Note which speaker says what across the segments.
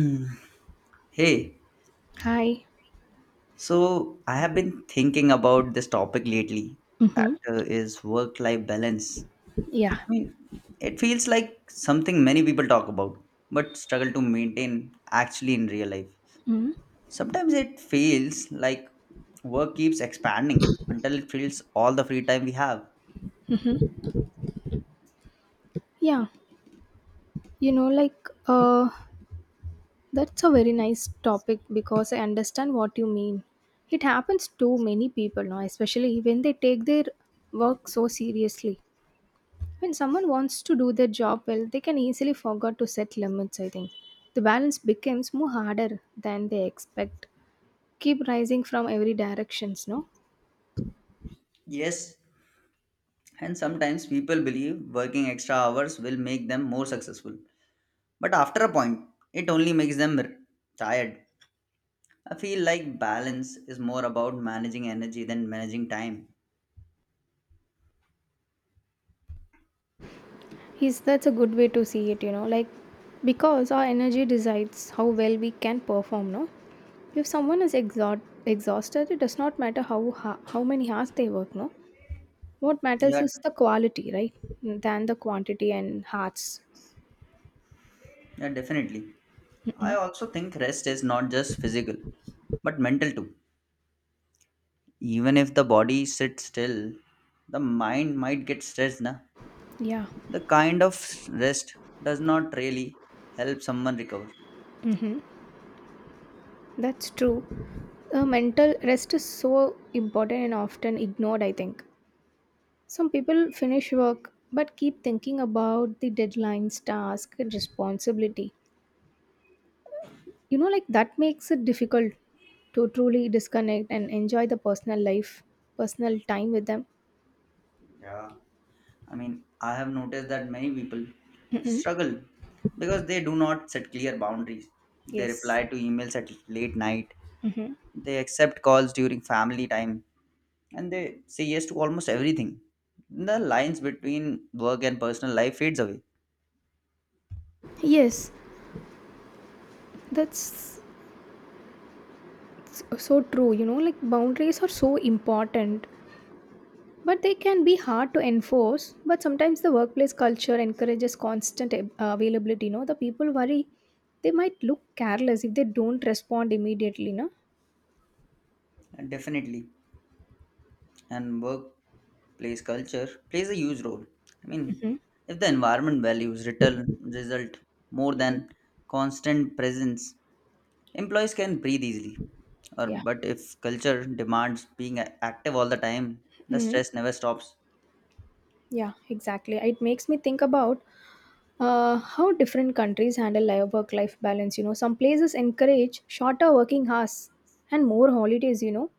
Speaker 1: Hmm. Hey,
Speaker 2: Hi.
Speaker 1: so I have been thinking about this topic lately. That
Speaker 2: Mm-hmm.
Speaker 1: is work-life balance.
Speaker 2: Yeah.
Speaker 1: I mean, it feels like something many people talk about, but struggle to maintain actually in real life.
Speaker 2: Mm-hmm.
Speaker 1: Sometimes it feels like work keeps expanding until it fills all the free time we have.
Speaker 2: Yeah. You know, like, uh, that's a very nice topic because I understand what you mean. It happens to many people now, especially when they take their work so seriously. When someone wants to do their job well, they can easily forget to set limits, I think. The balance becomes more harder than they expect. Keep rising from every directions, no?
Speaker 1: Yes, and sometimes people believe working extra hours will make them more successful, but after a point, it only makes them tired. I feel like balance is more about managing energy than managing time.
Speaker 2: Yes, that's a good way to see it, because our energy decides how well we can perform, no? If someone is exhausted, it does not matter how many hours they work, no? What matters
Speaker 1: Yeah,
Speaker 2: is the quality, right? Than the quantity and hearts.
Speaker 1: yeah, definitely. I also think rest is not just physical, but mental too. Even if the body sits still, the mind might get stressed. Na?
Speaker 2: Yeah,
Speaker 1: The kind of rest does not really help someone recover.
Speaker 2: hmm that's true. Mental rest is so important and often ignored, I think. Some people finish work but keep thinking about the deadlines, task, and responsibility. You know, that makes it difficult to truly disconnect and enjoy the personal life personal time with them.
Speaker 1: Yeah. I mean, I have noticed that many people
Speaker 2: Mm-hmm.
Speaker 1: struggle because they do not set clear boundaries. They
Speaker 2: Yes.
Speaker 1: reply to emails at late night,
Speaker 2: Mm-hmm.
Speaker 1: they accept calls during family time, and they say yes to almost everything. The lines between work and personal life fades away.
Speaker 2: Yes, that's so true, you know, like boundaries are so important, but they can be hard to enforce. But sometimes the workplace culture encourages availability. You know, the people worry they might look careless if they don't respond immediately, no?
Speaker 1: And definitely, and workplace culture plays a huge role. I mean,
Speaker 2: Mm-hmm.
Speaker 1: if the environment values return result more than
Speaker 2: Mm-hmm.
Speaker 1: constant presence, employees can breathe easily, or
Speaker 2: Yeah.
Speaker 1: but if culture demands being active all the time, the
Speaker 2: Mm-hmm.
Speaker 1: stress never stops.
Speaker 2: Yeah, exactly. It makes me think about how different countries handle life work life balance. You know, some places encourage shorter working hours and more holidays. You know,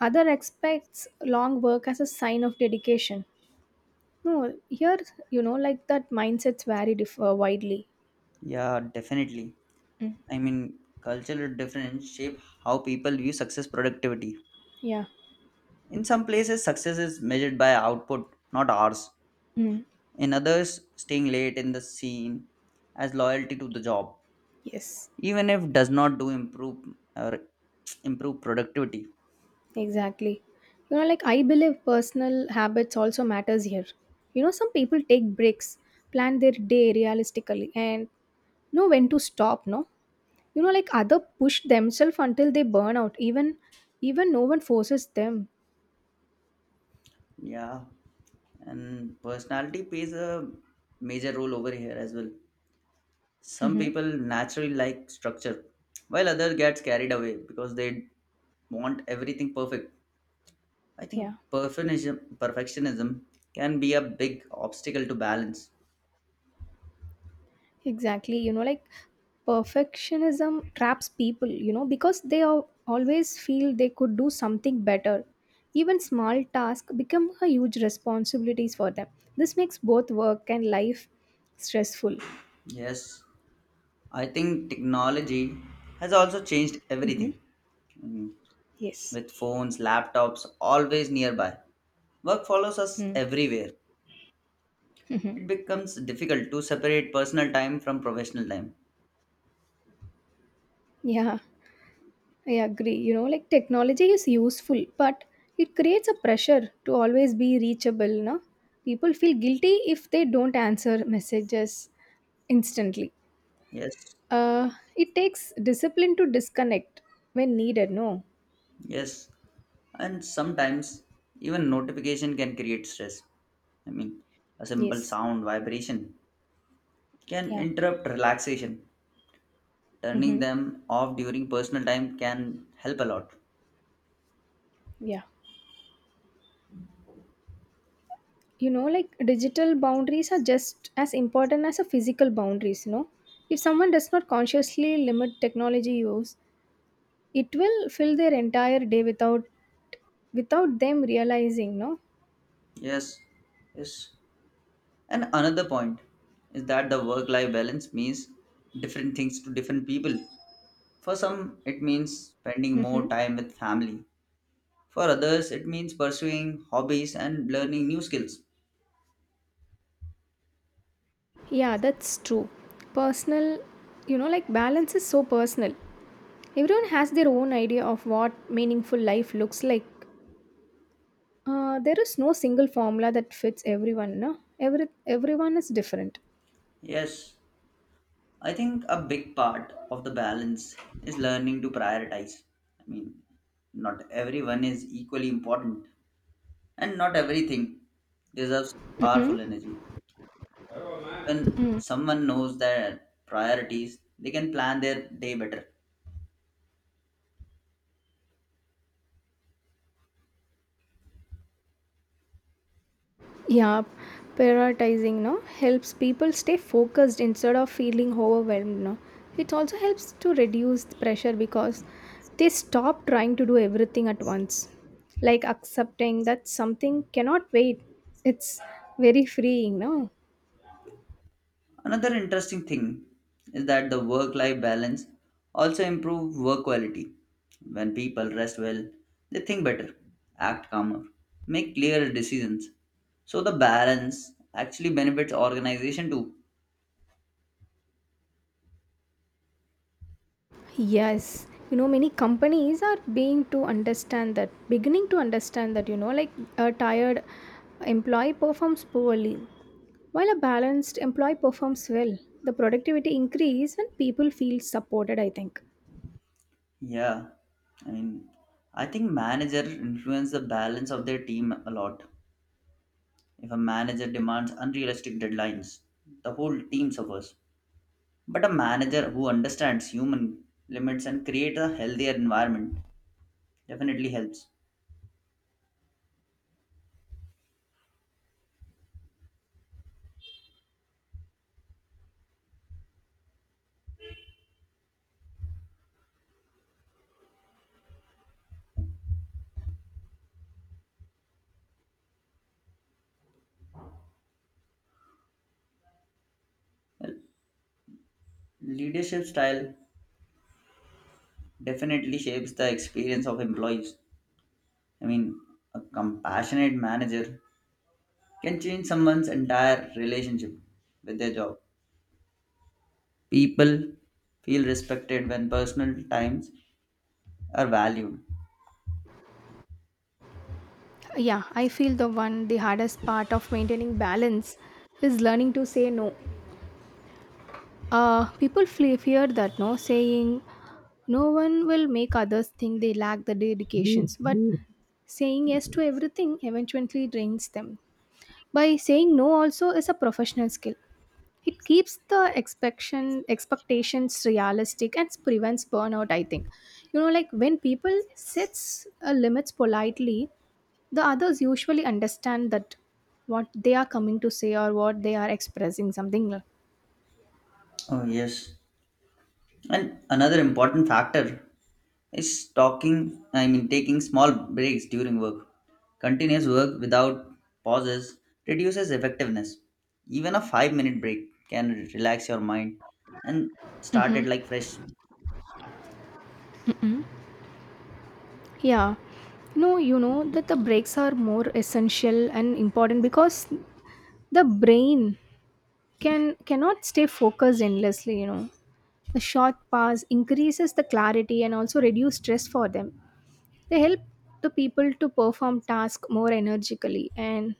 Speaker 2: other expects long work as a sign of dedication, no? Here, you know, like that mindsets vary widely.
Speaker 1: Yeah, definitely.
Speaker 2: Mm,
Speaker 1: I mean, cultural difference shape how people view success productivity.
Speaker 2: yeah.
Speaker 1: In some places, success is measured by output, not hours.
Speaker 2: Mm.
Speaker 1: In others, staying late in the scene as loyalty to the job,
Speaker 2: Yes,
Speaker 1: even if does not do improve or improve productivity.
Speaker 2: exactly. You know, like I believe personal habits also matters here. You know, some people take breaks, plan their day realistically, and know when to stop, no? You know, like other push themselves until they burn out, even no one forces them.
Speaker 1: Yeah, and personality plays a major role over here as well. Some
Speaker 2: Hmm.
Speaker 1: people naturally like structure, while others gets carried away because they want everything perfect. I think
Speaker 2: Yeah,
Speaker 1: perfectionism can be a big obstacle to balance.
Speaker 2: exactly. You know, like perfectionism traps people. You know, because always feel they could do something better. Even small tasks become a huge responsibilities for them. This makes both work and life stressful.
Speaker 1: Yes, I think technology has also changed
Speaker 2: Hmm.
Speaker 1: everything. Mm,
Speaker 2: Yes.
Speaker 1: with phones, laptops always nearby, work follows us everywhere.
Speaker 2: Mm-hmm.
Speaker 1: It becomes difficult to separate personal time from professional time.
Speaker 2: Yeah, I agree. You know, like technology is useful, but it creates a pressure to always be reachable. No, people feel guilty if they don't answer messages instantly.
Speaker 1: Yes,
Speaker 2: Uh, it takes discipline to disconnect when needed. No,
Speaker 1: yes, and sometimes even notification can create stress. I mean, a simple
Speaker 2: yes.
Speaker 1: sound vibration can
Speaker 2: Yeah.
Speaker 1: interrupt relaxation. Turning
Speaker 2: Mm-hmm.
Speaker 1: them off during personal time can help a lot.
Speaker 2: Yeah. You know, like digital boundaries are just as important as a physical boundaries. You know, if someone does not consciously limit technology use, it will fill their entire day without them realizing, no?
Speaker 1: Yes, yes. And another point is that the work life balance means different things to different people. For some, it means spending more
Speaker 2: Hmm.
Speaker 1: time with family. For others, it means pursuing hobbies and learning new skills.
Speaker 2: Yeah, that's true. Personal, you know, like balance is so personal. Everyone has their own idea of what meaningful life looks like. There is no single formula that fits everyone, no? Everyone is different.
Speaker 1: Yes, I think a big part of the balance is learning to prioritize. I mean, not everyone is equally important, and not everything deserves powerful energy. When someone knows their priorities, they can plan their day better.
Speaker 2: Yeah, prioritizing no helps people stay focused instead of feeling overwhelmed. No, it also helps to reduce the pressure because they stop trying to do everything at once. Like accepting that something cannot wait. It's very freeing, no?
Speaker 1: Another interesting thing is that the work life balance also improve work quality. When people rest well, they think better, act calmer, make clearer decisions, so the balance actually benefits organization too.
Speaker 2: Yes, you know, many companies are being to understand that, beginning to understand that, you know, like a tired employee performs poorly, while a balanced employee performs well. The productivity increase when people feel supported, I think.
Speaker 1: Yeah, I mean, I think manager influence the balance of their team a lot. If a manager demands unrealistic deadlines, the whole team suffers. But a manager who understands human limits and creates a healthier environment definitely helps. Leadership style definitely shapes the experience of employees. I mean, a compassionate manager can change someone's entire relationship with their job. People feel respected when personal times are valued.
Speaker 2: Yeah, I feel the hardest part of maintaining balance is learning to say no. Uh, people fear that no saying no one will make others think they lack the dedications, but. Mm. Saying yes to everything eventually drains them. By saying no also is a professional skill. It keeps the expectations realistic and prevents burnout. I think, you know, like when people sets limits politely, the others usually understand that what they are coming to say or what they are expressing something like.
Speaker 1: Oh, yes. And another important factor is talking, I mean taking small breaks during work. Continuous work without pauses reduces effectiveness. Even a 5-minute break can relax your mind and start it like fresh.
Speaker 2: Yeah. No, you know that the breaks are more essential and important because the brain cannot stay focused endlessly, you know. The short pause increases the clarity and also reduce stress for them. They help the people to perform tasks more energically and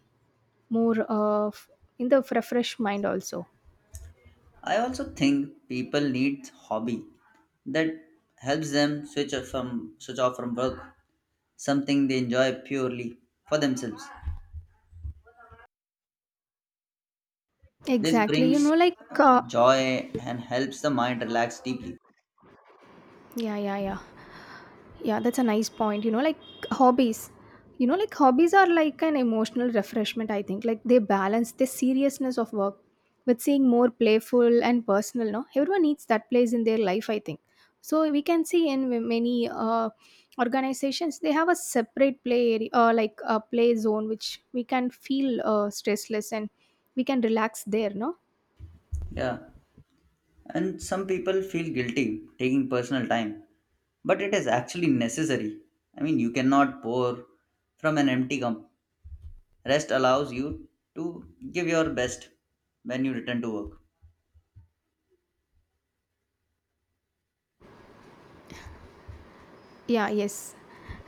Speaker 2: more in the refreshed mind also.
Speaker 1: I also think people need hobby that helps them switch off from work, something they enjoy purely for themselves. This
Speaker 2: Exactly.
Speaker 1: brings
Speaker 2: Uh,
Speaker 1: joy and helps the mind relax deeply.
Speaker 2: yeah, yeah, yeah. Yeah, that's a nice point. Hobbies. You know, like hobbies are like an emotional refreshment, I think. Like they balance the seriousness of work with seeing more playful and personal, no? Everyone needs that place in their life, I think. So we can see in many organizations, they have a separate play area, like a play zone, which we can feel stressless and we can relax there, no?
Speaker 1: Yeah. And some people feel guilty taking personal time, but it is actually necessary. I mean, you cannot pour from an empty cup. Rest allows you to give your best when you return to work.
Speaker 2: Yeah, yes.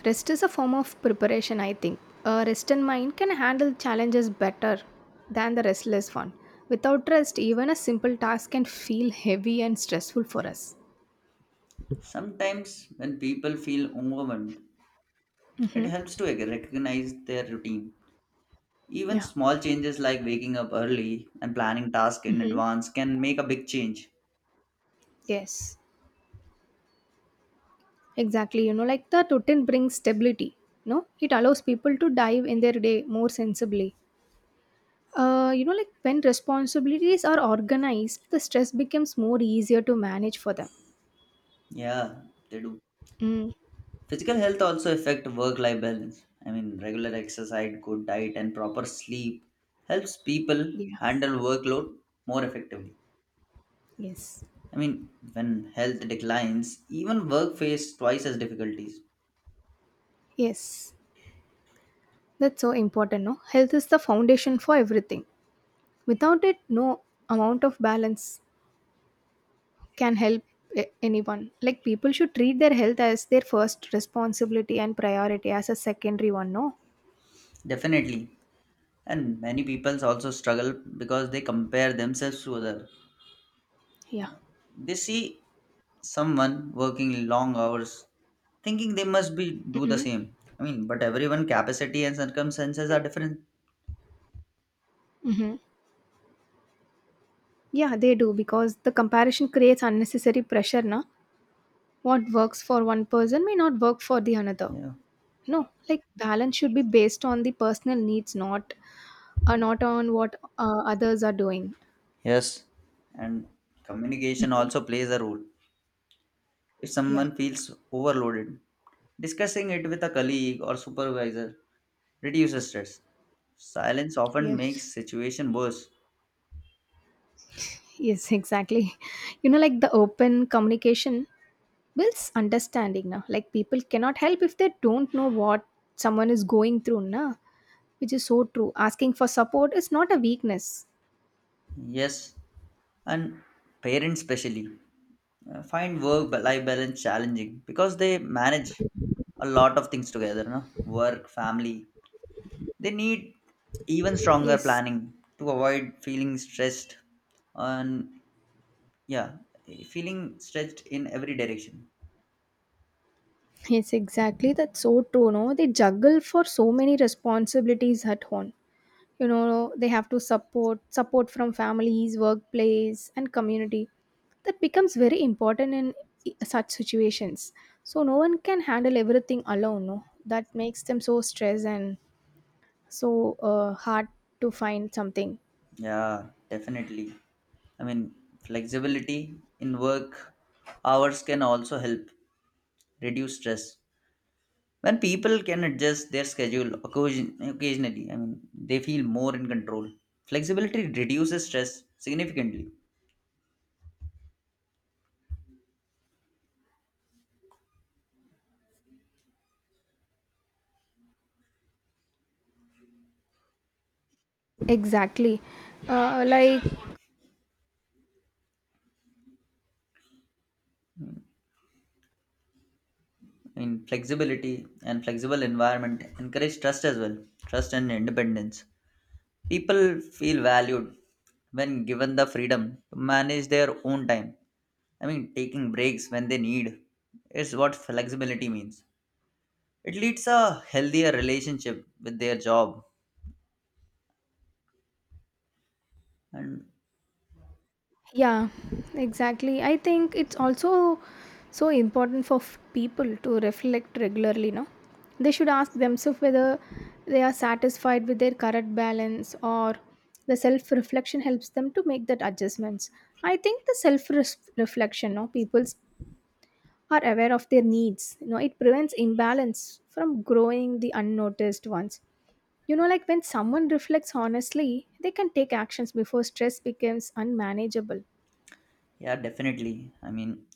Speaker 2: Rest is a form of preparation, I think. A rested mind can handle challenges better than the restless one. Without rest, even a simple task can feel heavy and stressful for us.
Speaker 1: Sometimes, when people feel overwhelmed, it
Speaker 2: Mm-hmm.
Speaker 1: helps to recognize their routine. Even
Speaker 2: Yeah,
Speaker 1: small changes like waking up early and planning tasks in advance can make a big change.
Speaker 2: yes. Exactly. You know, like the routine brings stability. No, it allows people to dive in their day more sensibly. You know, like when responsibilities are organized, the stress becomes more easier to manage for them.
Speaker 1: Yeah, they do.
Speaker 2: Mm.
Speaker 1: Physical health also affect work-life balance. I mean, regular exercise, good diet, and proper sleep helps people
Speaker 2: Yeah.
Speaker 1: handle workload more effectively.
Speaker 2: Yes.
Speaker 1: I mean, when health declines, even work face twice as difficulties.
Speaker 2: Yes. That's so important, no? Health is the foundation for everything. Without it, no amount of balance can help anyone. Like people should treat their health as their first responsibility and priority as a secondary one, no?
Speaker 1: Definitely, and many people also struggle because they compare themselves to others.
Speaker 2: Yeah.
Speaker 1: They see someone working long hours, thinking they must be do the
Speaker 2: Mm-mm.
Speaker 1: same. I mean, but everyone capacity and circumstances
Speaker 2: Yeah.
Speaker 1: are different.
Speaker 2: Mm-hmm. Yeah, they do because the comparison creates unnecessary pressure, na? What works for one person may not work for the another.
Speaker 1: Yeah.
Speaker 2: No, like balance should be based on the personal needs, not on what others are doing.
Speaker 1: Yes, and communication also plays a role. If
Speaker 2: Yeah.
Speaker 1: someone feels overloaded, discussing it with a colleague or supervisor reduces stress. Silence often makes
Speaker 2: Yes.
Speaker 1: situation worse.
Speaker 2: Yes, exactly. You know, like the open communication builds understanding now. Like people cannot help if they don't know what someone is going through, na? Which is so true. Asking for support is not a weakness.
Speaker 1: Yes, and parents especially find work life balance challenging because they manage a lot of things together, no? Work, family. They need even stronger
Speaker 2: Yes.
Speaker 1: planning to avoid feeling stressed and, yeah, feeling stretched in every direction.
Speaker 2: Yes, exactly. That's so true, no? They juggle for so many responsibilities at home. You know, they have to support from families, workplace, and community. That becomes very important in such situations. So no one can handle everything alone, no? That makes them so stressed and so hard to find something.
Speaker 1: Yeah, definitely. I mean, flexibility in work hours can also help reduce stress. When people can adjust their schedule occasionally, I mean, they feel more in control. Flexibility reduces stress significantly.
Speaker 2: Exactly. uh, like
Speaker 1: I mean, flexibility and flexible environment encourage trust as well, trust and independence. People feel valued when given the freedom to manage their own time. I mean, taking breaks when they need is what flexibility means. It leads a healthier relationship with their job. And
Speaker 2: Yeah, exactly. I think it's also so important for people to reflect regularly, no? They should ask themselves whether they are satisfied with their current balance or the self reflection helps them to make that adjustments. I think the self reflection, no, people are aware of their needs. You know, it prevents imbalance from growing the unnoticed ones. You know, like when someone reflects honestly, they can take actions before stress becomes unmanageable.
Speaker 1: yeah, definitely. I mean,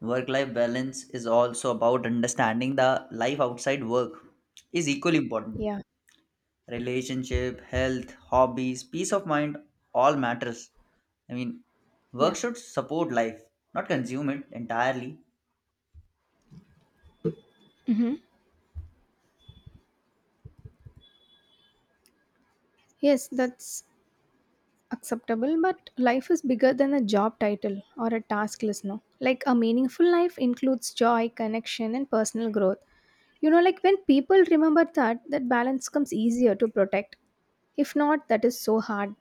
Speaker 1: work life balance is also about understanding the life outside work is equally important:
Speaker 2: Yeah.
Speaker 1: relationship, health, hobbies, peace of mind, all matters. I mean, work
Speaker 2: Yeah.
Speaker 1: should support life, not consume it entirely.
Speaker 2: Yes, that's acceptable, but life is bigger than a job title or a task list, no? Like a meaningful life includes joy, connection, and personal growth. You know, like when people remember that, that balance comes easier to protect. If not, that is so hard.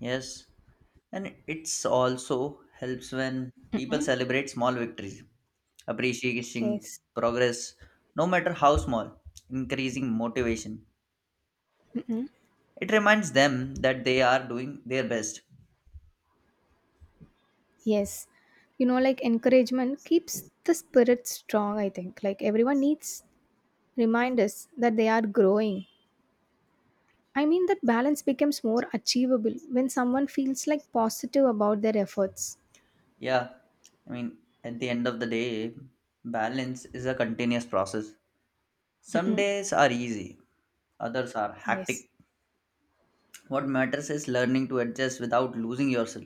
Speaker 1: Yes, and it's also helps when people
Speaker 2: Hmm.
Speaker 1: celebrate small victories, appreciating
Speaker 2: Yes.
Speaker 1: progress, no matter how small, increasing motivation.
Speaker 2: Mhm.
Speaker 1: It reminds them that they are doing their best.
Speaker 2: Yes. You know, like encouragement keeps the spirit strong, I think. Like everyone needs reminders that they are growing. I mean, that balance becomes more achievable when someone feels like positive about their efforts.
Speaker 1: Yeah, I mean, at the end of the day, balance is a continuous process. Some
Speaker 2: Mm-mm.
Speaker 1: days are easy, others are
Speaker 2: Yes,
Speaker 1: hectic. What matters is learning to adjust without losing yourself.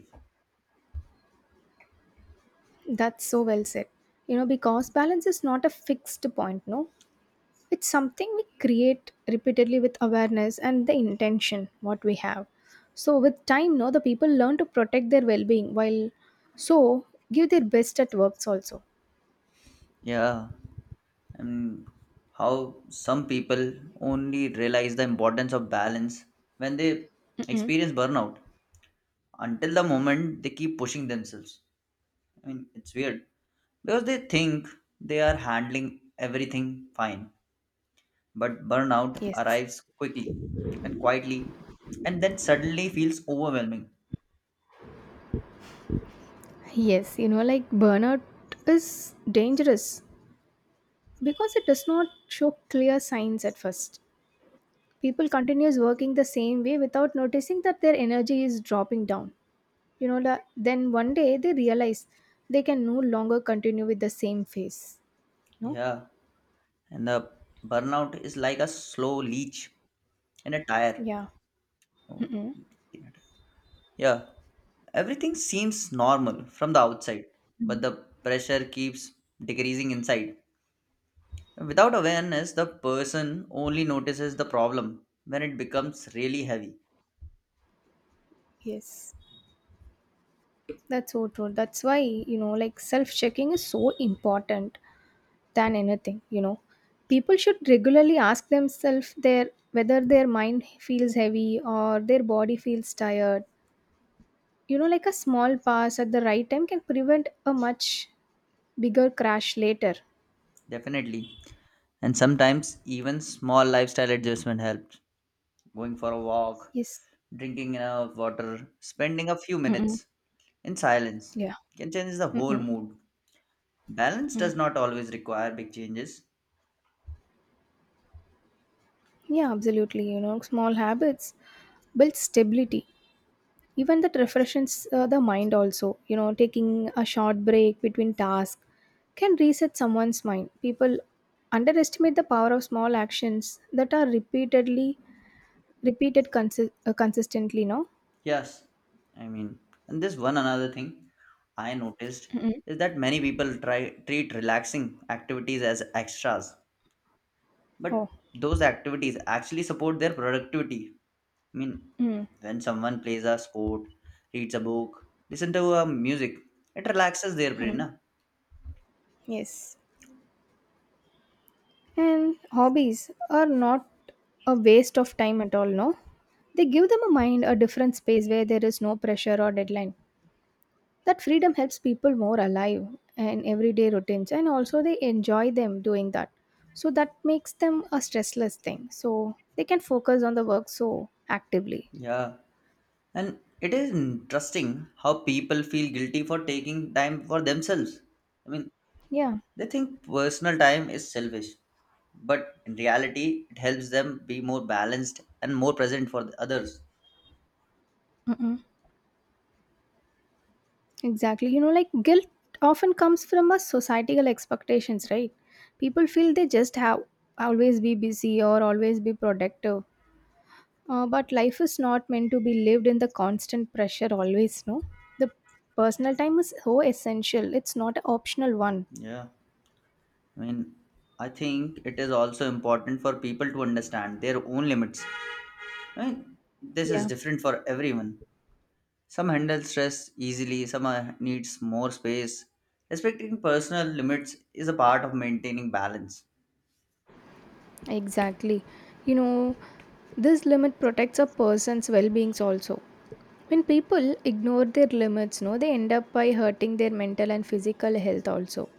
Speaker 2: that's so well said. You know, because balance is not a fixed point, no? It's something we create repeatedly with awareness and the intention what we have. So, with time, no, the people learn to protect their well being while so give their best at works also.
Speaker 1: Yeah, and how some people only realize the importance of balance when they
Speaker 2: Mm-mm.
Speaker 1: experience burnout. Until the moment they keep pushing themselves. I mean, it's weird because they think they are handling everything fine, but burnout
Speaker 2: Yes.
Speaker 1: arrives quickly and quietly and then suddenly feels overwhelming.
Speaker 2: Yes, you know, like burnout is dangerous because it does not show clear signs at first. People continues working the same way without noticing that their energy is dropping down. You know, then one day they realize they can no longer continue with the same phase. No?
Speaker 1: Yeah. And the burnout is like a slow leech in a tire.
Speaker 2: Yeah.
Speaker 1: Oh,
Speaker 2: Mm-mm.
Speaker 1: in a tire. Yeah, everything seems normal from the outside, but
Speaker 2: Mm.
Speaker 1: the pressure keeps decreasing inside. Without awareness, the person only notices the problem when it becomes really heavy.
Speaker 2: Yes. That's so true. That's why, you know, like self checking is so important than anything, you know. People should regularly ask themselves their whether their mind feels heavy or their body feels tired. You know, like a small pass at the right time can prevent a much bigger crash later.
Speaker 1: Definitely. And sometimes even small lifestyle adjustment helps. Going for a walk,
Speaker 2: Yes.
Speaker 1: drinking enough water, spending a few
Speaker 2: Mm-mm.
Speaker 1: minutes in silence
Speaker 2: Yeah.
Speaker 1: can change the whole
Speaker 2: Mm-mm.
Speaker 1: mood. Balance does not always require big changes.
Speaker 2: Yeah, absolutely. You know, small habits build stability. Even that refreshes the mind also. You know, taking a short break between tasks can reset someone's mind. People underestimate the power of small actions that are repeated consistently. No.
Speaker 1: Yes, I mean, and this one another thing I noticed
Speaker 2: Mm-mm.
Speaker 1: is that many people try treat relaxing activities as extras, but
Speaker 2: Oh.
Speaker 1: those activities actually support their productivity. I mean,
Speaker 2: Mm.
Speaker 1: when someone plays a sport, reads a book, listen to a music, it relaxes their brain,
Speaker 2: Mm.
Speaker 1: na?
Speaker 2: Yes. And hobbies are not a waste of time at all, no? They give them a mind a different space where there is no pressure or deadline. That freedom helps people more alive in everyday routines and also they enjoy them doing that. So that makes them a stressless thing. So they can focus on the work so actively.
Speaker 1: Yeah, and it is interesting how people feel guilty for taking time for themselves. I mean,
Speaker 2: Yeah,
Speaker 1: they think personal time is selfish, but in reality, it helps them be more balanced and more present for the others.
Speaker 2: mm-mm. Exactly. You know, like guilt often comes from us societal expectations, right? People feel they just have always be busy or always be productive. But life is not meant to be lived in the constant pressure always, no? The personal time is so essential. It's not an optional one.
Speaker 1: Yeah, I mean, I think it is also important for people to understand their own limits. I mean, this is
Speaker 2: Yeah,
Speaker 1: different for everyone. Some handle stress easily, some needs more space. Respecting personal limits is a part of maintaining balance.
Speaker 2: exactly. You know, this limit protects a person's well-beings also. When people ignore their limits, no, they end up by hurting their mental and physical health also.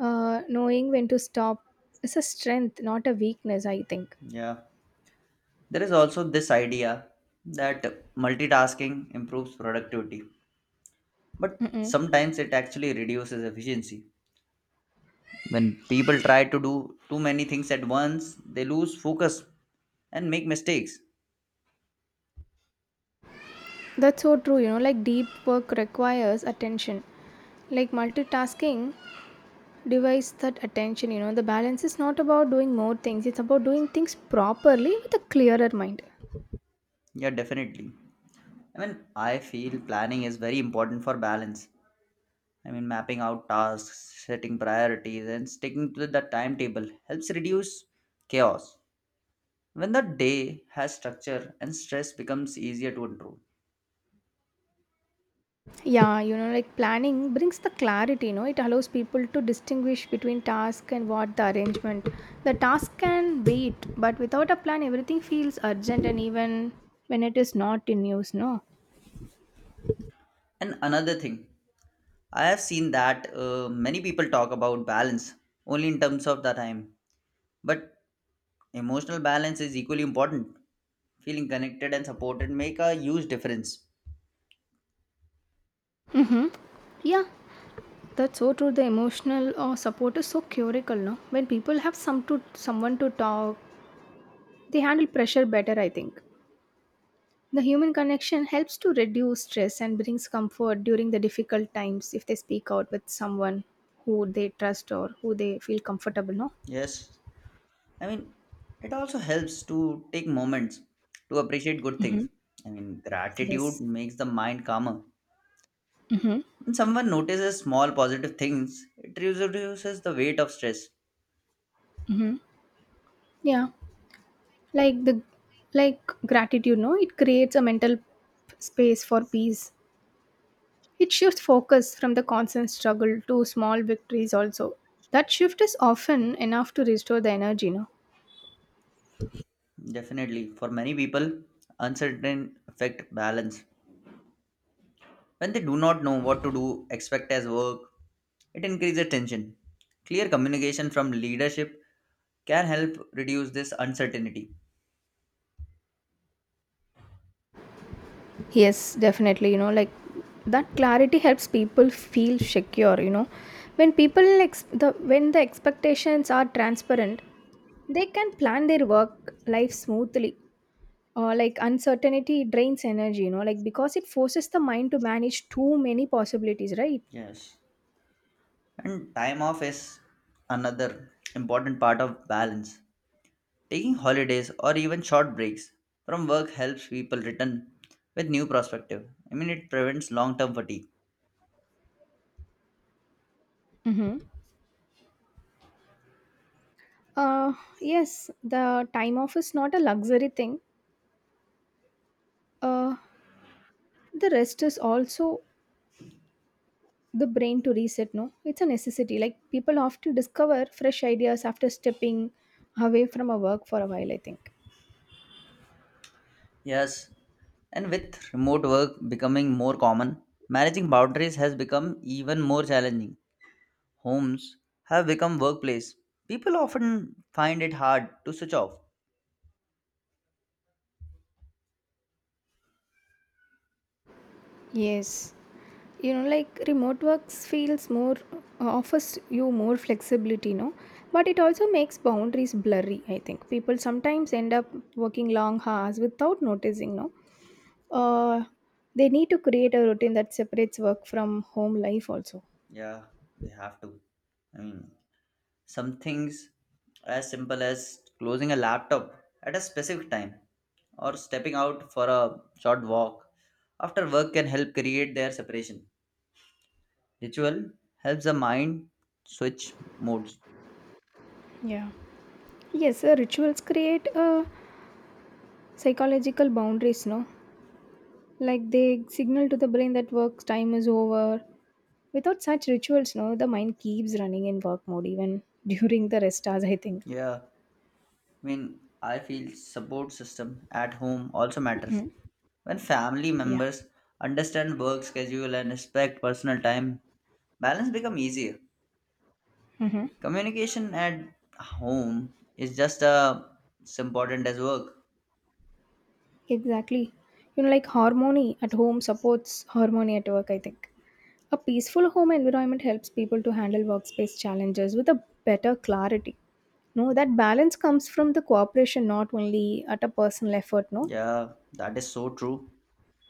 Speaker 2: Knowing when to stop is a strength, not a weakness, I think.
Speaker 1: Yeah, there is also this idea that multitasking improves productivity. But
Speaker 2: Mm-mm.
Speaker 1: sometimes it actually reduces efficiency. When people try to do too many things at once, they lose focus and make mistakes.
Speaker 2: That's so true, you know, like deep work requires attention. Like multitasking divides that attention, you know, the balance is not about doing more things, it's about doing things properly with a clearer mind.
Speaker 1: Yeah, definitely. I mean, I feel planning is very important for balance. I mean, mapping out tasks, setting priorities, and sticking to the timetable helps reduce chaos. When the day has structure and stress becomes easier to control.
Speaker 2: Yeah, you know, like planning brings the clarity, you know, it allows people to distinguish between task and what the arrangement. The task can wait, but without a plan, everything feels urgent and even when it is not in use, no?
Speaker 1: And another thing, I have seen that many people talk about balance only in terms of the time. But emotional balance is equally important. Feeling connected and supported make a huge difference.
Speaker 2: Mm-hmm. Yeah, that's so true. The emotional support is so curable no? When people have some to someone to talk, they handle pressure better. I think the human connection helps to reduce stress and brings comfort during the difficult times if they speak out with someone who they trust or who they feel comfortable. No.
Speaker 1: Yes. I mean, it also helps to take moments to appreciate good things.
Speaker 2: Hmm.
Speaker 1: I mean, gratitude
Speaker 2: Yes.
Speaker 1: makes the mind calmer.
Speaker 2: Mm-hmm.
Speaker 1: When someone notices small positive things, it reduces the weight of stress.
Speaker 2: Yeah. Like the like gratitude. No, it creates a mental space for peace. It shifts focus from the constant struggle to small victories also. That shift is often enough to restore the energy, no.
Speaker 1: Definitely, for many people, uncertain affect balance. When they do not know what to do, expect as work, it increases tension. Clear communication from leadership can help reduce this uncertainty.
Speaker 2: Yes, definitely, you know, like that clarity helps people feel secure, you know. When people ex- the when the expectations are transparent, they can plan their work life smoothly. Or like uncertainty drains energy, you know, like because it forces the mind to manage too many possibilities, right?
Speaker 1: Yes. And time off is another important part of balance. Taking holidays or even short breaks from work helps people return with new perspective. I mean, it prevents long term fatigue.
Speaker 2: Mm-hmm. Uh, yes, the time off is not a luxury thing. uh, the rest is also the brain to reset no it's a necessity, like people often discover fresh ideas after stepping away from a work for a while, I think.
Speaker 1: Yes, and with remote work becoming more common, managing boundaries has become even more challenging. Homes have become workplace, people often find it hard to switch off.
Speaker 2: Yes, you know, like remote works feels more offers you more flexibility no, but it also makes boundaries blurry, I think people sometimes end up working long hours without noticing no. uh, they need to create a routine that separates work from home life also.
Speaker 1: Yeah, they have to. I mean, some things as simple as closing a laptop at a specific time or stepping out for a short walk after work can help create their separation. Ritual helps the mind switch modes.
Speaker 2: Yeah. Yes, rituals create psychological boundaries, no? Like they signal to the brain that work time is over. Without such rituals, no, the mind keeps running in work mode even during the rest hours, I think.
Speaker 1: Yeah, I mean, I feel support system at home also matters.
Speaker 2: Mm.
Speaker 1: When family
Speaker 2: Yeah.
Speaker 1: members understand work schedule and respect personal time, balance become easier.
Speaker 2: Mm-hmm.
Speaker 1: Communication at home is just as important as work.
Speaker 2: Exactly. You know, like harmony at home supports harmony at work, I think. A peaceful home environment helps people to handle workspace challenges with a better clarity. No, that balance comes from the cooperation, not only at a personal effort, no?
Speaker 1: Yeah, that is so true.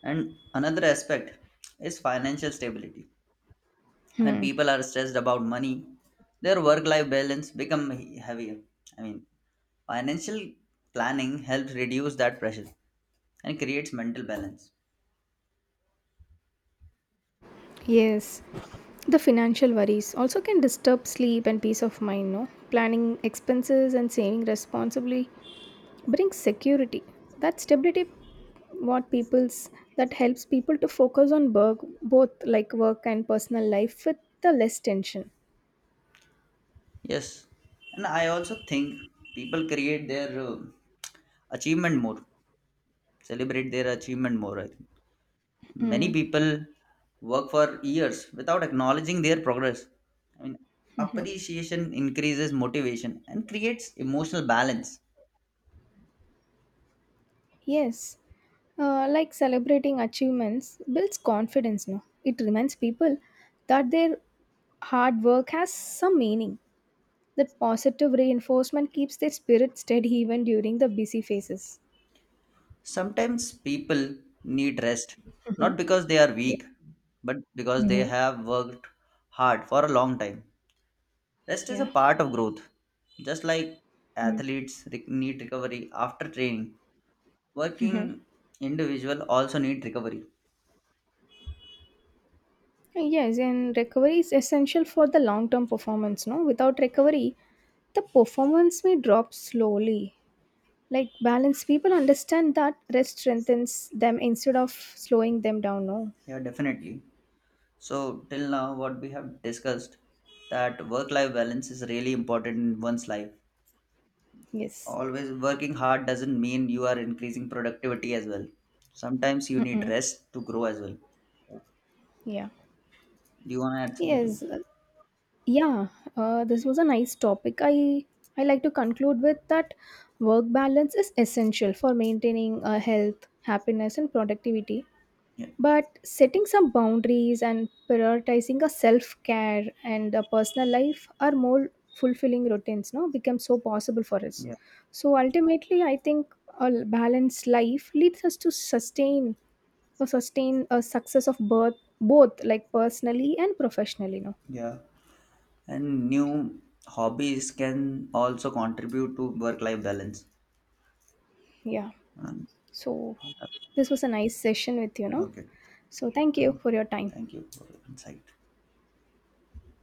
Speaker 1: And another aspect is financial stability. When
Speaker 2: Hmm.
Speaker 1: people are stressed about money, their work-life balance become heavier. I mean, financial planning helps reduce that pressure and creates mental balance.
Speaker 2: Yes, the financial worries also can disturb sleep and peace of mind, no? Planning expenses and saving responsibly brings security. That stability what people's that helps people to focus on work both like work and personal life with the less tension.
Speaker 1: Yes, and I also think people create their achievement more, celebrate their achievement more. I think many
Speaker 2: Mm.
Speaker 1: people work for years without acknowledging their progress. I mean, appreciation increases motivation and creates emotional balance.
Speaker 2: Yes. Like celebrating achievements builds confidence, no? It reminds people that their hard work has some meaning. That positive reinforcement keeps their spirit steady even during the busy phases.
Speaker 1: Sometimes people need rest,
Speaker 2: Mhm.
Speaker 1: not because they are
Speaker 2: Yeah.
Speaker 1: weak, but because they
Speaker 2: Mhm.
Speaker 1: have worked hard for a long time. Rest is a
Speaker 2: Yeah.
Speaker 1: part of growth. Just like
Speaker 2: Mm.
Speaker 1: athletes need recovery after training, working individual also need recovery.
Speaker 2: Yes, and recovery is essential for the long term performance. No, without recovery, the performance may drop slowly. Like balanced people understand that rest strengthens them instead of slowing them down. No.
Speaker 1: Yeah, definitely. So till now what we have discussed that work life balance is really important in one's life.
Speaker 2: Yes.
Speaker 1: Always working hard doesn't mean you are increasing productivity as well. Sometimes you need
Speaker 2: Mm-mm.
Speaker 1: rest to grow as well.
Speaker 2: Yeah.
Speaker 1: Do you want to add something to it?
Speaker 2: Yes. Yeah, this was a nice topic. I like to conclude with that work balance is essential for maintaining health, happiness, and productivity.
Speaker 1: Yeah.
Speaker 2: But setting some boundaries and prioritizing a self care and a personal life are more fulfilling routines. No, become so possible for us.
Speaker 1: Yeah.
Speaker 2: So ultimately, I think a balanced life leads us to sustain or sustain a success of birth, both like personally and professionally. No,
Speaker 1: Yeah. And new hobbies can also contribute to work life balance.
Speaker 2: yeah.
Speaker 1: Um,
Speaker 2: So,
Speaker 1: uh,
Speaker 2: this was a nice session with you know.
Speaker 1: okay.
Speaker 2: So, thank you
Speaker 1: Um,
Speaker 2: for your time.
Speaker 1: thank you for the insight.